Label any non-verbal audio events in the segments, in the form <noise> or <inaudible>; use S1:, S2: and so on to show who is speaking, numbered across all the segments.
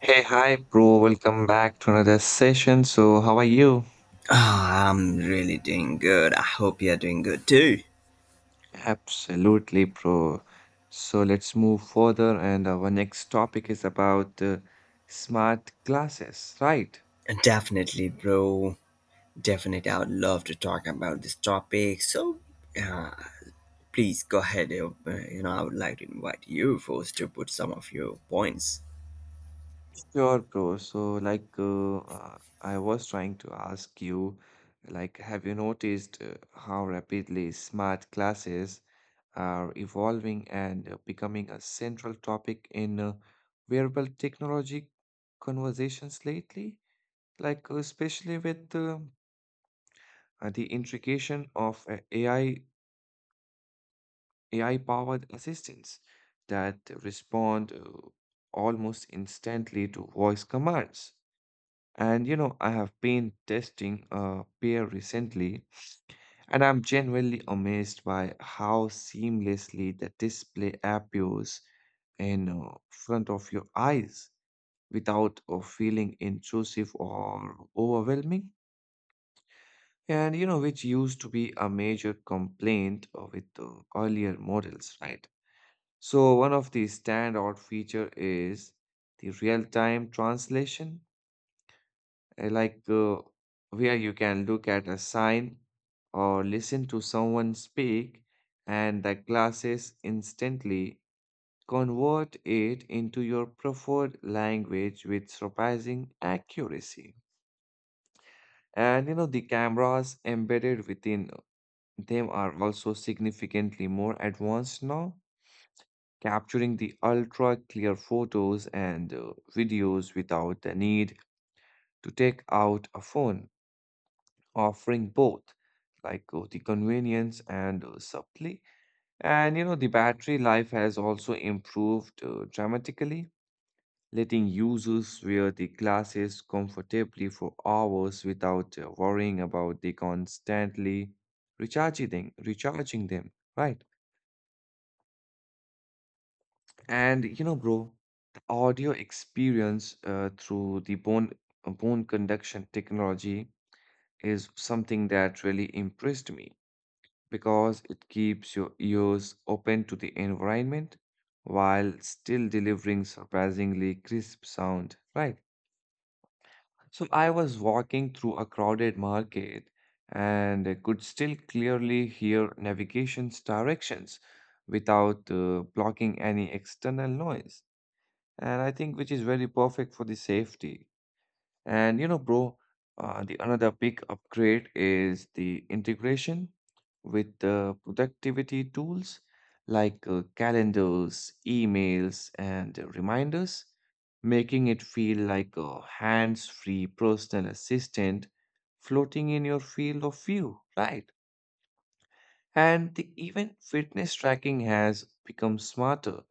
S1: Hey, hi, bro. Welcome back to another session. So, how are you?
S2: Ah, I'm really doing good. I hope you're doing good too.
S1: Absolutely, bro. So, let's move further. And our next topic is about smart glasses, right?
S2: Definitely, bro. Definitely, I would love to talk about this topic. So please go ahead. You know, I would like to invite you first to put some of your points.
S1: Sure, bro. So, I was trying to ask you, like, have you noticed how rapidly smart glasses are evolving and becoming a central topic in wearable technology conversations lately? Like especially with the integration of AI powered assistants that respond almost instantly to voice commands. And you know, I have been testing a pair recently, and I'm genuinely amazed by how seamlessly the display appears in front of your eyes without feeling intrusive or overwhelming, and you know, which used to be a major complaint with the earlier models, right? So one of the standout feature is the real-time translation, uh, like uh, where you can look at a sign or listen to someone speak, and the classes instantly convert it into your preferred language with surprising accuracy. And you know, the cameras embedded within, they are also significantly more advanced now, capturing the ultra clear photos and videos without the need to take out a phone, offering both the convenience and supply. And you know, the battery life has also improved dramatically, letting users wear the glasses comfortably for hours without worrying about the constantly recharging them, right? And you know, bro, the audio experience through the bone conduction technology is something that really impressed me because it keeps your ears open to the environment while still delivering surprisingly crisp sound, right? So I was walking through a crowded market and I could still clearly hear navigation's directions without blocking any external noise, and I think which is very perfect for the safety. And you know, bro, the another big upgrade is the integration with the productivity tools like calendars, emails, and reminders, making it feel like a hands-free personal assistant floating in your field of view, right? And the even fitness tracking has become smarter,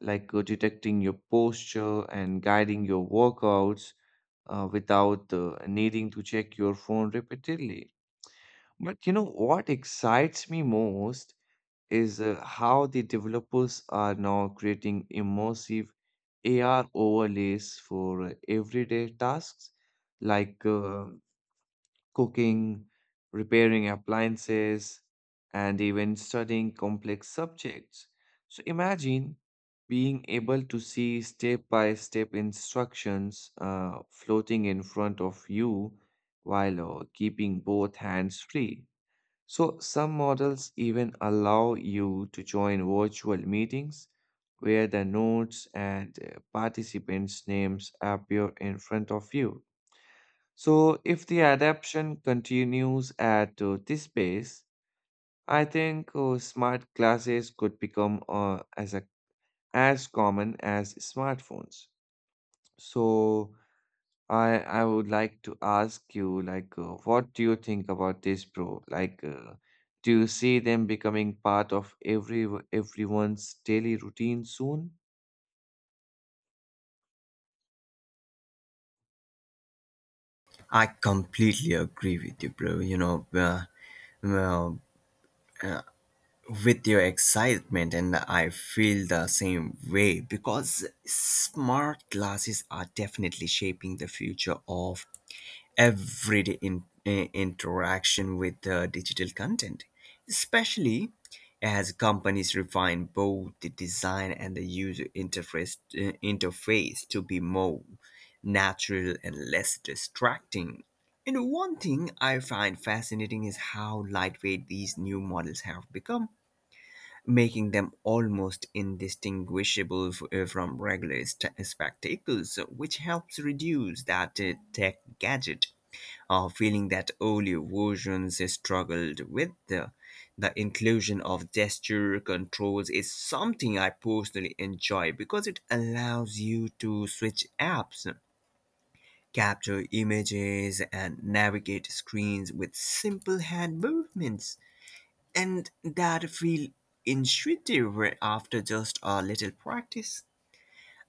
S1: like detecting your posture and guiding your workouts without needing to check your phone repeatedly. But you know what excites me most is how the developers are now creating immersive AR overlays for everyday tasks like cooking, repairing appliances, and even studying complex subjects. So imagine being able to see step by step instructions floating in front of you while keeping both hands free. So, some models even allow you to join virtual meetings where the notes and participants' names appear in front of you. So, if the adaptation continues at this pace, I think smart glasses could become as common as smartphones. So, I would like to ask you, like, what do you think about this, bro? Like, do you see them becoming part of everyone's daily routine soon?
S2: I completely agree with you, bro. Well, with your excitement, and I feel the same way because smart glasses are definitely shaping the future of everyday interaction with digital content, especially as companies refine both the design and the interface to be more natural and less distracting. And one thing I find fascinating is how lightweight these new models have become, making them almost indistinguishable from regular spectacles, which helps reduce that tech gadget feeling that earlier versions struggled with. The inclusion of gesture controls is something I personally enjoy because it allows you to switch apps, capture images and navigate screens with simple hand movements. And that feel intuitive after just a little practice.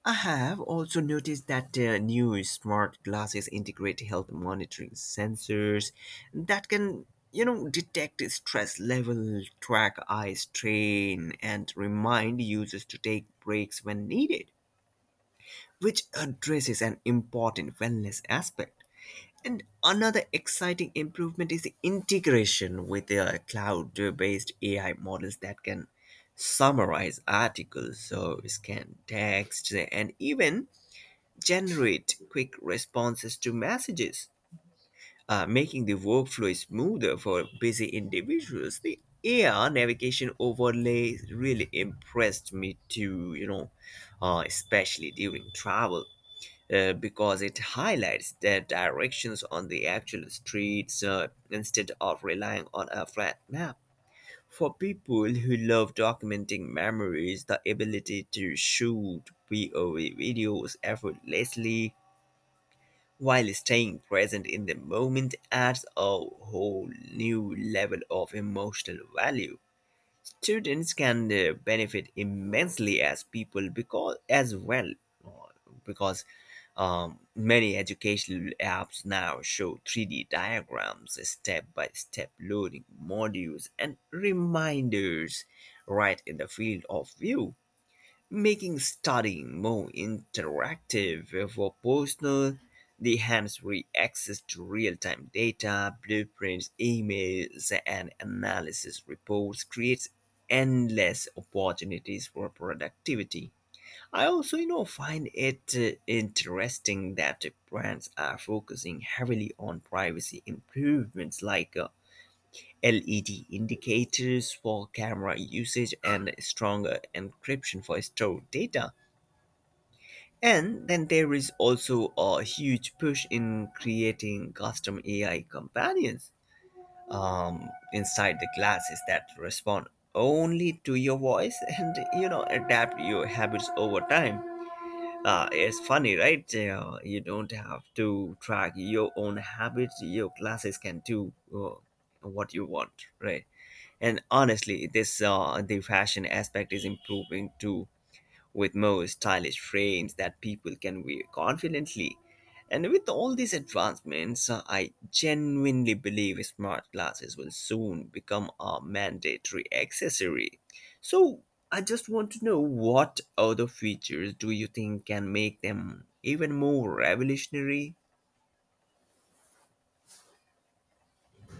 S2: I have also noticed that new smart glasses integrate health monitoring sensors that can, you know, detect stress level, track eye strain, and remind users to take breaks when needed, which addresses an important wellness aspect. And another exciting improvement is the integration with the cloud-based AI models that can summarize articles, so scan text, and even generate quick responses to messages, making the workflow smoother for busy individuals. The AI navigation overlay really impressed me too, you know, especially during travel because it highlights the directions on the actual streets instead of relying on a flat map. For people who love documenting memories, the ability to shoot POV videos effortlessly while staying present in the moment adds a whole new level of emotional value. Students can benefit immensely as people because as well uh, because many educational apps now show 3D diagrams, step by step loading modules, and reminders right in the field of view, making studying more interactive. For personal, the hands-free access to real-time data, blueprints, emails and analysis reports creates endless opportunities for productivity. I also, you know, find it interesting that brands are focusing heavily on privacy improvements like LED indicators for camera usage and stronger encryption for stored data. And then there is also a huge push in creating custom AI companions um, inside the glasses that respond only to your voice <laughs> and, you know, adapt your habits over time. It's funny, right? You don't have to track your own habits. Your glasses can do what you want, right? And honestly, this the fashion aspect is improving too, with more stylish frames that people can wear confidently. And with all these advancements, I genuinely believe smart glasses will soon become a mandatory accessory. So, I just want to know, what other features do you think can make them even more revolutionary?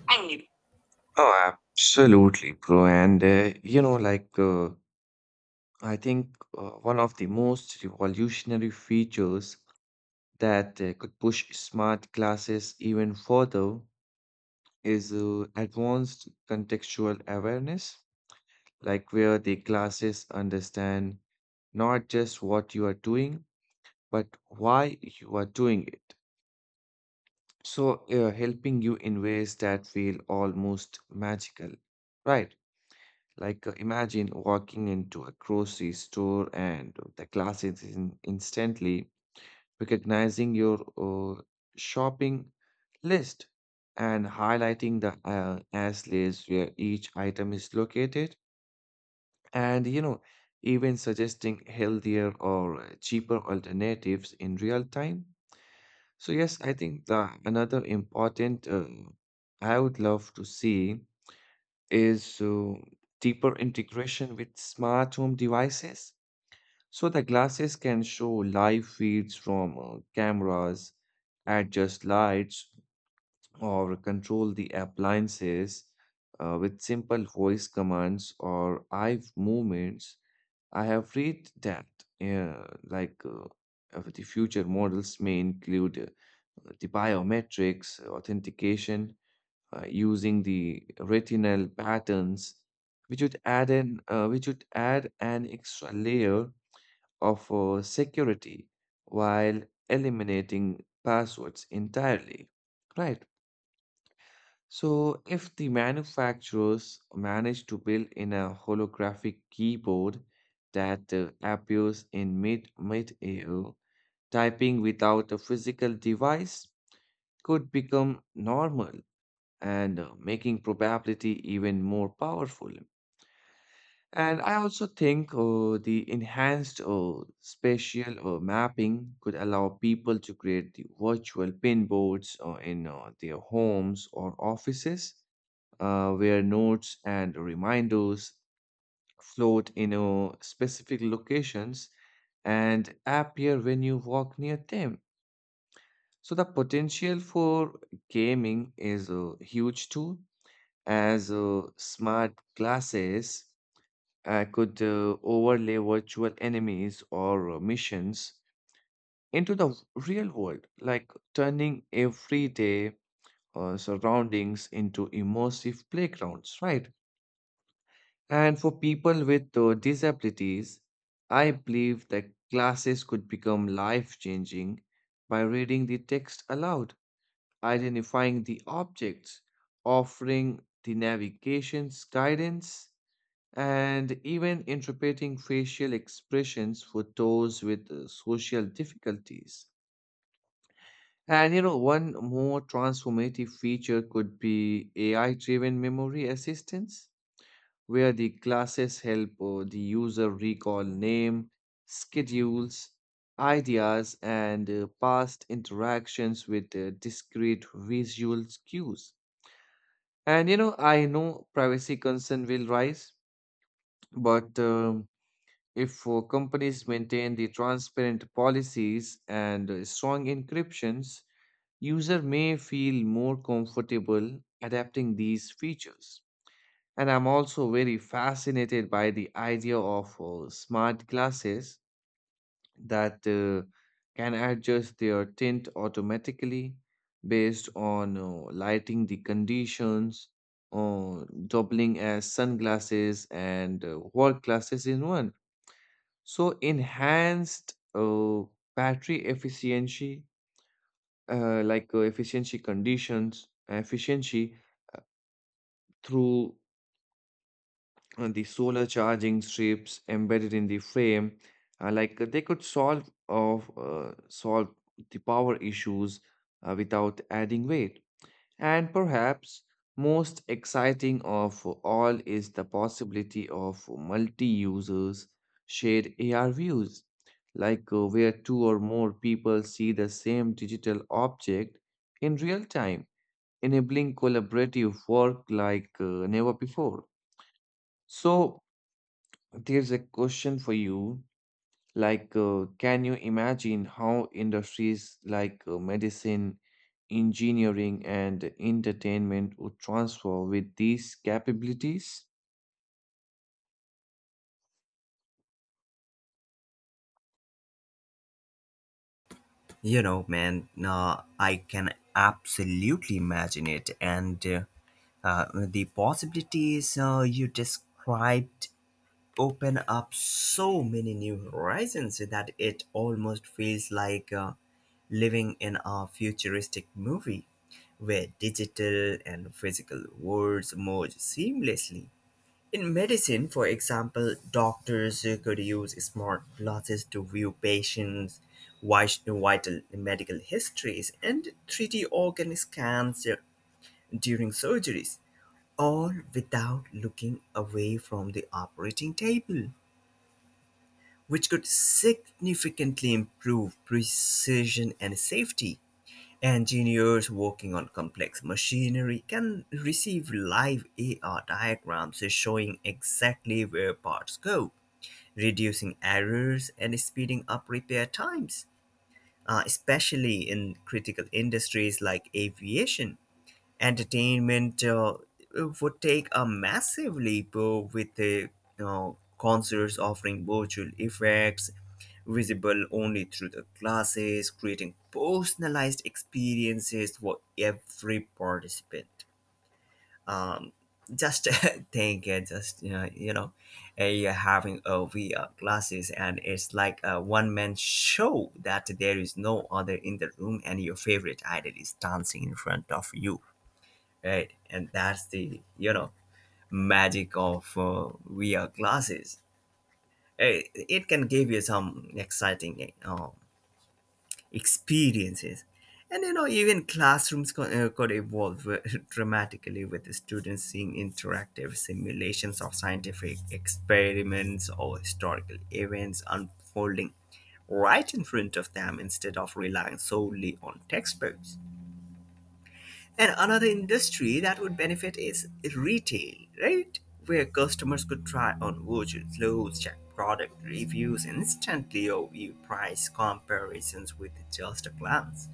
S1: I mean, oh, absolutely, bro. And you know, I think one of the most revolutionary features that could push smart glasses even further is advanced contextual awareness, like where the glasses understand not just what you are doing, but why you are doing it. So, helping you in ways that feel almost magical, right? Like imagine walking into a grocery store and the glasses in instantly recognizing your shopping list and highlighting the as list where each item is located, and you know, even suggesting healthier or cheaper alternatives in real time. So yes, I think the another important I would love to see is deeper integration with smart home devices, so the glasses can show live feeds from cameras, adjust lights, or control the appliances with simple voice commands or eye movements. I have read that uh, like uh, the future models may include the biometrics authentication using the retinal patterns, which would add an extra layer of security while eliminating passwords entirely. Right. So, if the manufacturers manage to build in a holographic keyboard that appears in mid air, typing without a physical device could become normal and making probability even more powerful. And I also think the enhanced spatial mapping could allow people to create the virtual pin boards in their homes or offices where notes and reminders float in specific locations and appear when you walk near them. So the potential for gaming is huge too, as smart glasses I could overlay virtual enemies or missions into the real world, like turning everyday surroundings into immersive playgrounds, right? And for people with disabilities, I believe that classes could become life changing by reading the text aloud, identifying the objects, offering the navigation's guidance, and even interpreting facial expressions for those with social difficulties. And you know, one more transformative feature could be AI driven memory assistance, where the classes help the user recall name, schedules, ideas, and past interactions with discrete visual cues. And you know, I know privacy concern will rise, but if companies maintain the transparent policies and strong encryptions, user may feel more comfortable adapting these features. And I'm also very fascinated by the idea of smart glasses that can adjust their tint automatically based on lighting the conditions, doubling as sunglasses and work glasses in one. So enhanced battery efficiency, efficiency through the solar charging strips embedded in the frame, they could solve the power issues without adding weight. And perhaps most exciting of all is the possibility of multi users shared AR views, like where two or more people see the same digital object in real time, enabling collaborative work like never before. So, there's a question for you, like, can you imagine how industries like medicine, engineering, and entertainment would transform with these capabilities?
S2: You know, man, I can absolutely imagine it. And the possibilities you described open up so many new horizons that it almost feels like living in a futuristic movie where digital and physical worlds merge seamlessly. In medicine, for example, doctors could use smart glasses to view patients' vital medical histories and 3D organ scans during surgeries, all without looking away from the operating table, which could significantly improve precision and safety. Engineers working on complex machinery can receive live AR diagrams showing exactly where parts go, reducing errors and speeding up repair times, especially in critical industries like aviation. Entertainment would take a massive leap with the uh, concerts offering virtual effects visible only through the glasses, creating personalized experiences for every participant. um, just <laughs> think just you know you're having a VR glasses and it's like a one-man show, that there is no other in the room and your favorite idol is dancing in front of you, right? And that's the, you know, magic of VR glasses. Hey, it can give you some exciting experiences, and you know, even classrooms could evolve <laughs> dramatically, with the students seeing interactive simulations of scientific experiments or historical events unfolding right in front of them instead of relying solely on textbooks. And another industry that would benefit is retail, right? Where customers could try on vouchers, clothes, check product reviews instantly, or view price comparisons with just a glance.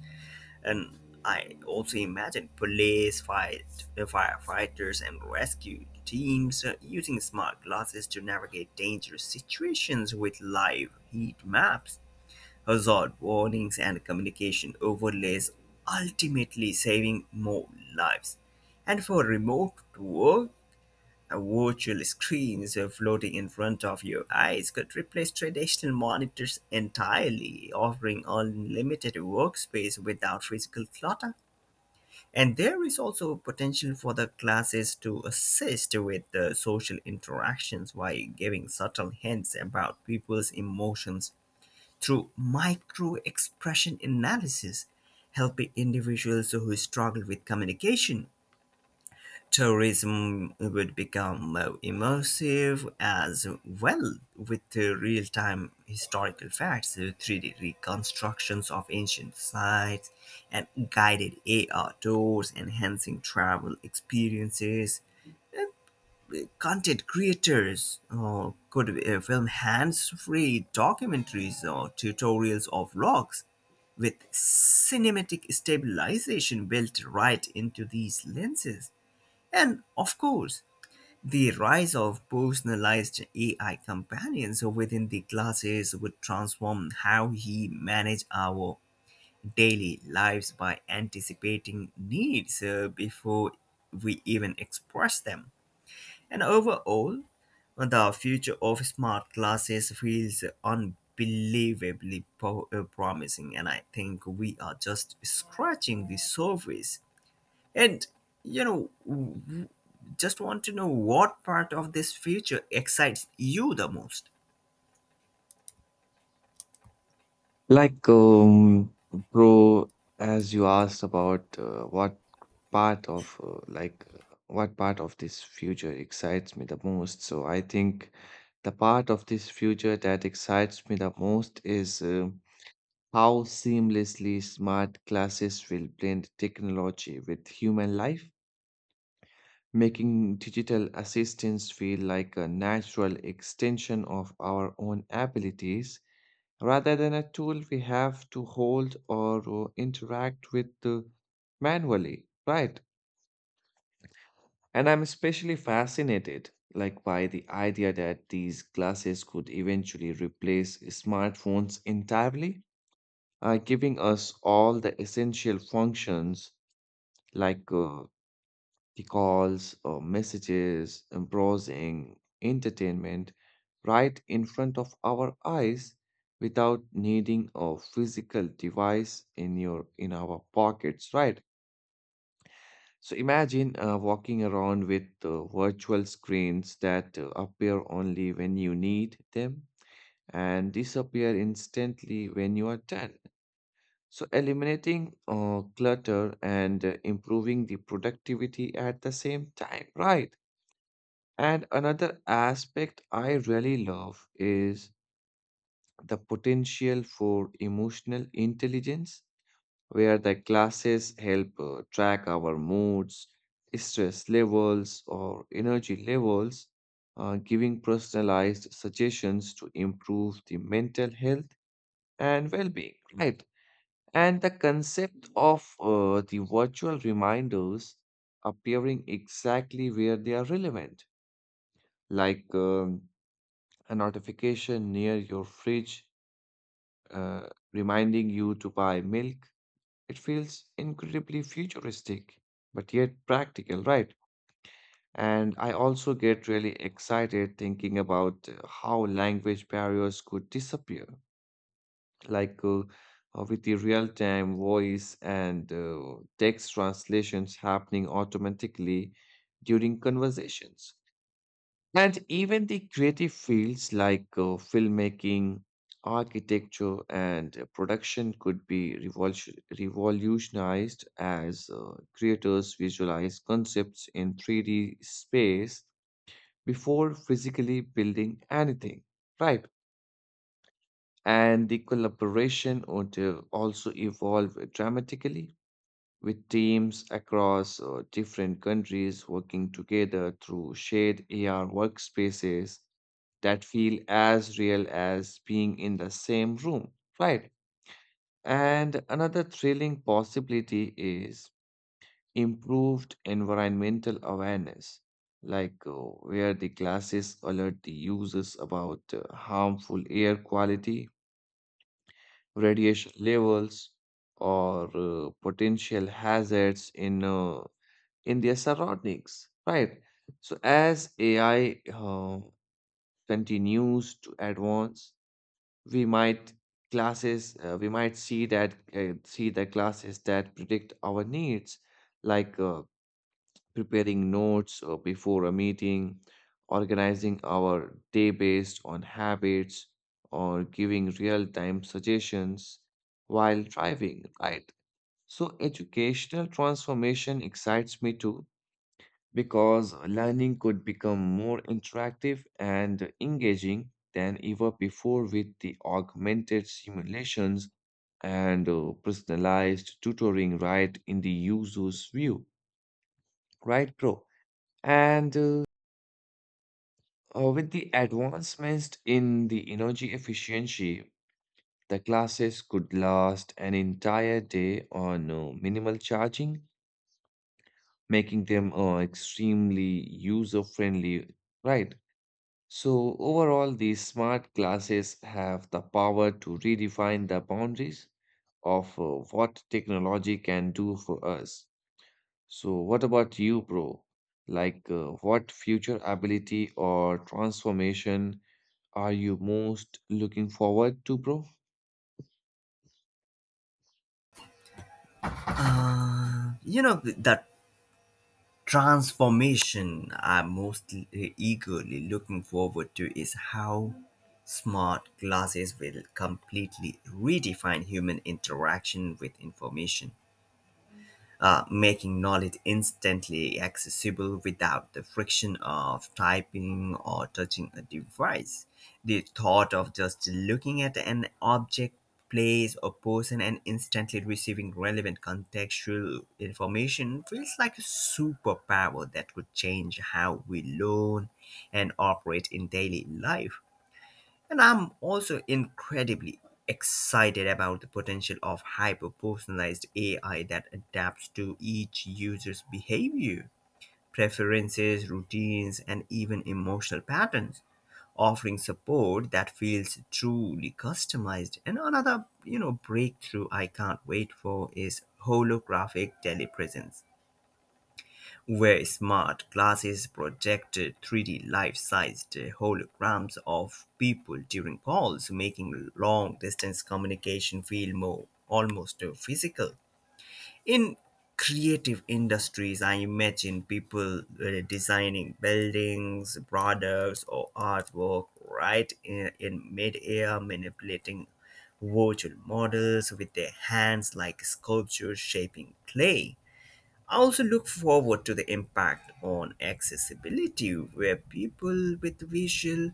S2: And I also imagine firefighters, and rescue teams using smart glasses to navigate dangerous situations with live heat maps, hazard warnings and communication overlays, ultimately saving more lives. And for remote work, virtual screens floating in front of your eyes could replace traditional monitors entirely, offering unlimited workspace without physical clutter. And there is also potential for the classes to assist with the social interactions by giving subtle hints about people's emotions through micro expression analysis, helping individuals who struggle with communication. Tourism would become more immersive as well, with real time historical facts, 3D reconstructions of ancient sites, and guided AR tours, enhancing travel experiences. Uh, Content creators could film hands free documentaries or tutorials or vlogs with cinematic stabilization built right into these lenses. And of course, the rise of personalized AI companions within the glasses would transform how we manage our daily lives by anticipating needs before we even express them. And overall, the future of smart glasses feels unbelievably promising, and I think we are just scratching the surface. And you know, just want to know, what part of this future excites you the most?
S1: Like, bro, as you asked about part of uh, like uh, what part of this future excites me the most, so I think the part of this future that excites me the most is how seamlessly smart classes will blend technology with human life, making digital assistants feel like a natural extension of our own abilities rather than a tool we have to hold or interact with manually, right? And I'm especially fascinated like by the idea that these glasses could eventually replace smartphones entirely, giving us all the essential functions like the calls or messages, browsing, entertainment right in front of our eyes without needing a physical device in your in our pockets, right? So imagine walking around with virtual screens that appear only when you need them and disappear instantly when you are done, so eliminating clutter and improving the productivity at the same time, right? And another aspect I really love is the potential for emotional intelligence, where the classes help track our moods, stress levels, or energy levels, giving personalized suggestions to improve the mental health and well being, right? And the concept of the virtual reminders appearing exactly where they are relevant, like a notification near your fridge reminding you to buy milk, it feels incredibly futuristic, but yet practical, right? And I also get really excited thinking about how language barriers could disappear like with the real-time voice and text translations happening automatically during conversations. And even the creative fields like filmmaking, architecture, and production could be revolutionized as creators visualize concepts in 3D space before physically building anything, right? And the collaboration would also evolve dramatically with teams across different countries working together through shared AR workspaces that feel as real as being in the same room, right? And another thrilling possibility is improved environmental awareness, like where the glasses alert the users about harmful air quality, radiation levels, or potential hazards in their surroundings, right? So as AI continues to advance, we might we might see that see the classes that predict our needs, like preparing notes before a meeting, organizing our day based on habits, or giving real time suggestions while driving, right? So, educational transformation excites me too because learning could become more interactive and engaging than ever before with the augmented simulations and personalized tutoring right in the user's view, right, bro? And with the advancements in the energy efficiency, the classes could last an entire day on minimal charging, making them extremely user-friendly, right? So overall, these smart classes have the power to redefine the boundaries of what technology can do for us. So what about you, bro? Like, what future ability or transformation are you most looking forward to, bro?
S2: You know, the transformation I'm most eagerly looking forward to is how smart glasses will completely redefine human interaction with information, making knowledge instantly accessible without the friction of typing or touching a device. The thought of just looking at an object, place, or person and instantly receiving relevant contextual information feels like a superpower that could change how we learn and operate in daily life. And I'm also incredibly excited about the potential of hyper personalized AI that adapts to each user's behavior, preferences, routines, and even emotional patterns, offering support that feels truly customized. And another, you know, breakthrough I can't wait for is holographic telepresence, where smart glasses projected three-D life-sized holograms of people during calls, making long-distance communication feel more almost physical. In creative industries, I imagine people designing buildings, products, or artwork right in mid-air, manipulating virtual models with their hands like sculptures shaping clay. I also look forward to the impact on accessibility, where people with visual,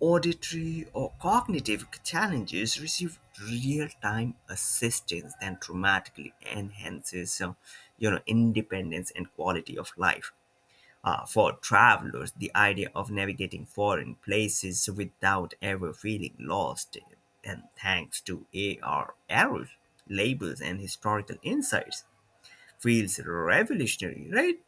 S2: auditory, or cognitive challenges receive real-time assistance that dramatically enhances you know, independence and quality of life. For travelers, the idea of navigating foreign places without ever feeling lost, and thanks to AR arrows, labels, and historical insights feels revolutionary, right?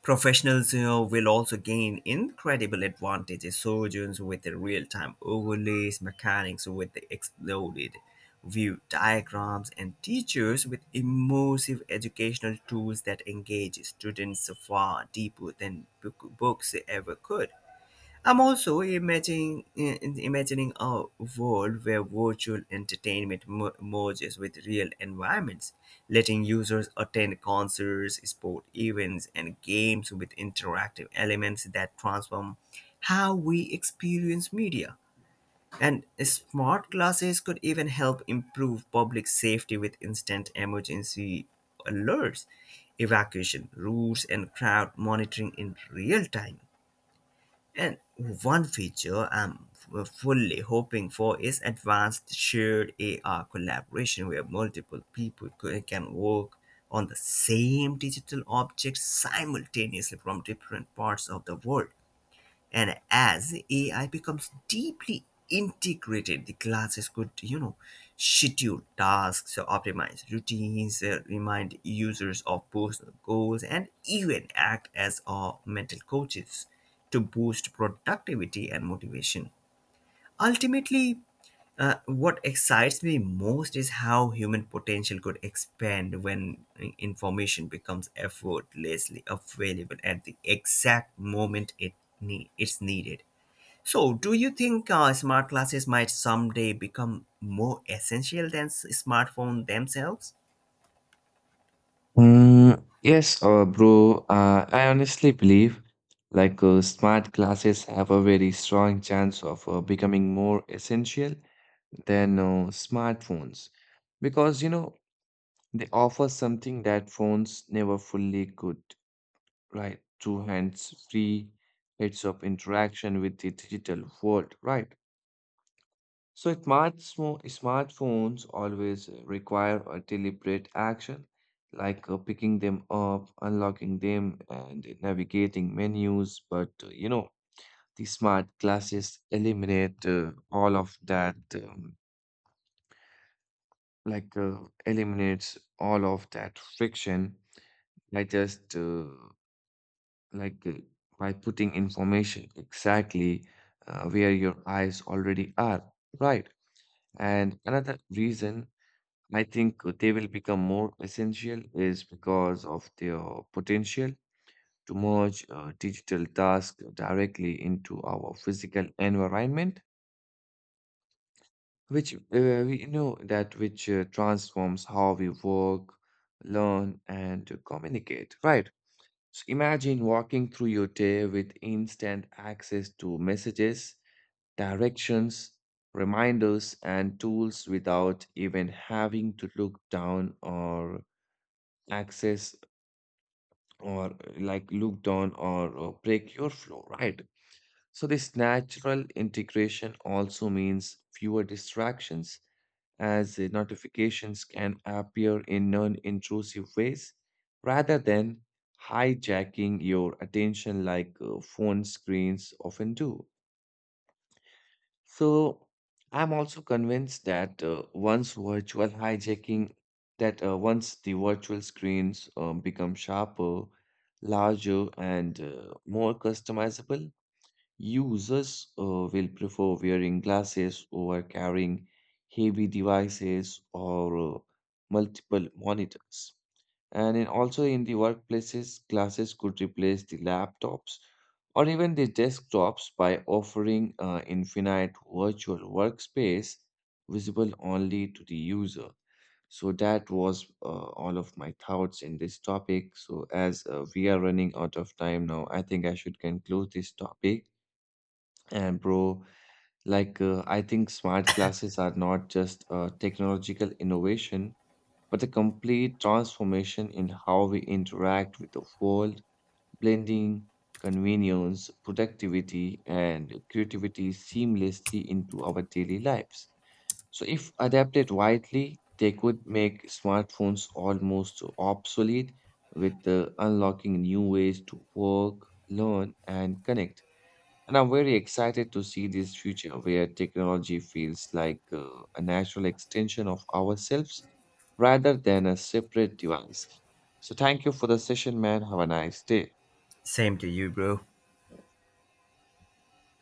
S2: Professionals will also gain incredible advantages. Surgeons with the real-time overlays, mechanics with the exploded view diagrams, and teachers with immersive educational tools that engage students far deeper than books ever could. I'm also imagining a world where virtual entertainment merges with real environments, letting users attend concerts, sport events, and games with interactive elements that transform how we experience media. And smart glasses could even help improve public safety with instant emergency alerts, evacuation routes, and crowd monitoring in real time. And one feature I'm fully hoping for is advanced shared AR collaboration, where multiple people can work on the same digital object simultaneously from different parts of the world. And as AI becomes deeply integrated, the classes could, you know, schedule tasks, optimize routines, remind users of personal goals, and even act as mental coaches to boost productivity and motivation. Ultimately, what excites me most is how human potential could expand when information becomes effortlessly available at the exact moment it's needed. So do you think smart glasses might someday become more essential than smartphone themselves?
S1: Mm, yes, bro. I honestly believe like smart glasses have a very strong chance of becoming more essential than smartphones because you know, they offer something that phones never fully could, right? Two hands free, it's of interaction with the digital world, right? So smartphones always require a deliberate action, like picking them up, unlocking them, and navigating menus. But you know, the smart glasses eliminate all of that, like uh, eliminates all of that friction by just like uh, by putting information exactly where your eyes already are, right? And another reason I think they will become more essential is because of their potential to merge digital tasks directly into our physical environment, which we know that which transforms how we work, learn, and communicate, right? So imagine walking through your day with instant access to messages, directions, reminders, and tools without even having to access look down or break your flow, right? So, this natural integration also means fewer distractions as the notifications can appear in non intrusive ways rather than hijacking your attention like phone screens often do. So, I'm also convinced that once the virtual screens become sharper, larger, and more customizable, users will prefer wearing glasses over carrying heavy devices or multiple monitors. And in, also in the workplaces, glasses could replace the laptops or even the desktops by offering infinite virtual workspace visible only to the user. So that was all of my thoughts in this topic. So as we are running out of time now, I think I should conclude this topic. And bro, like I think smart glasses are not just a technological innovation, but a complete transformation in how we interact with the world, blending convenience, productivity, and creativity seamlessly into our daily lives. So, if adapted widely, they could make smartphones almost obsolete, with unlocking new ways to work, learn, and connect. And I'm very excited to see this future where technology feels like a natural extension of ourselves rather than a separate device. So, thank you for the session, man. Have a nice day.
S2: Same to you, bro.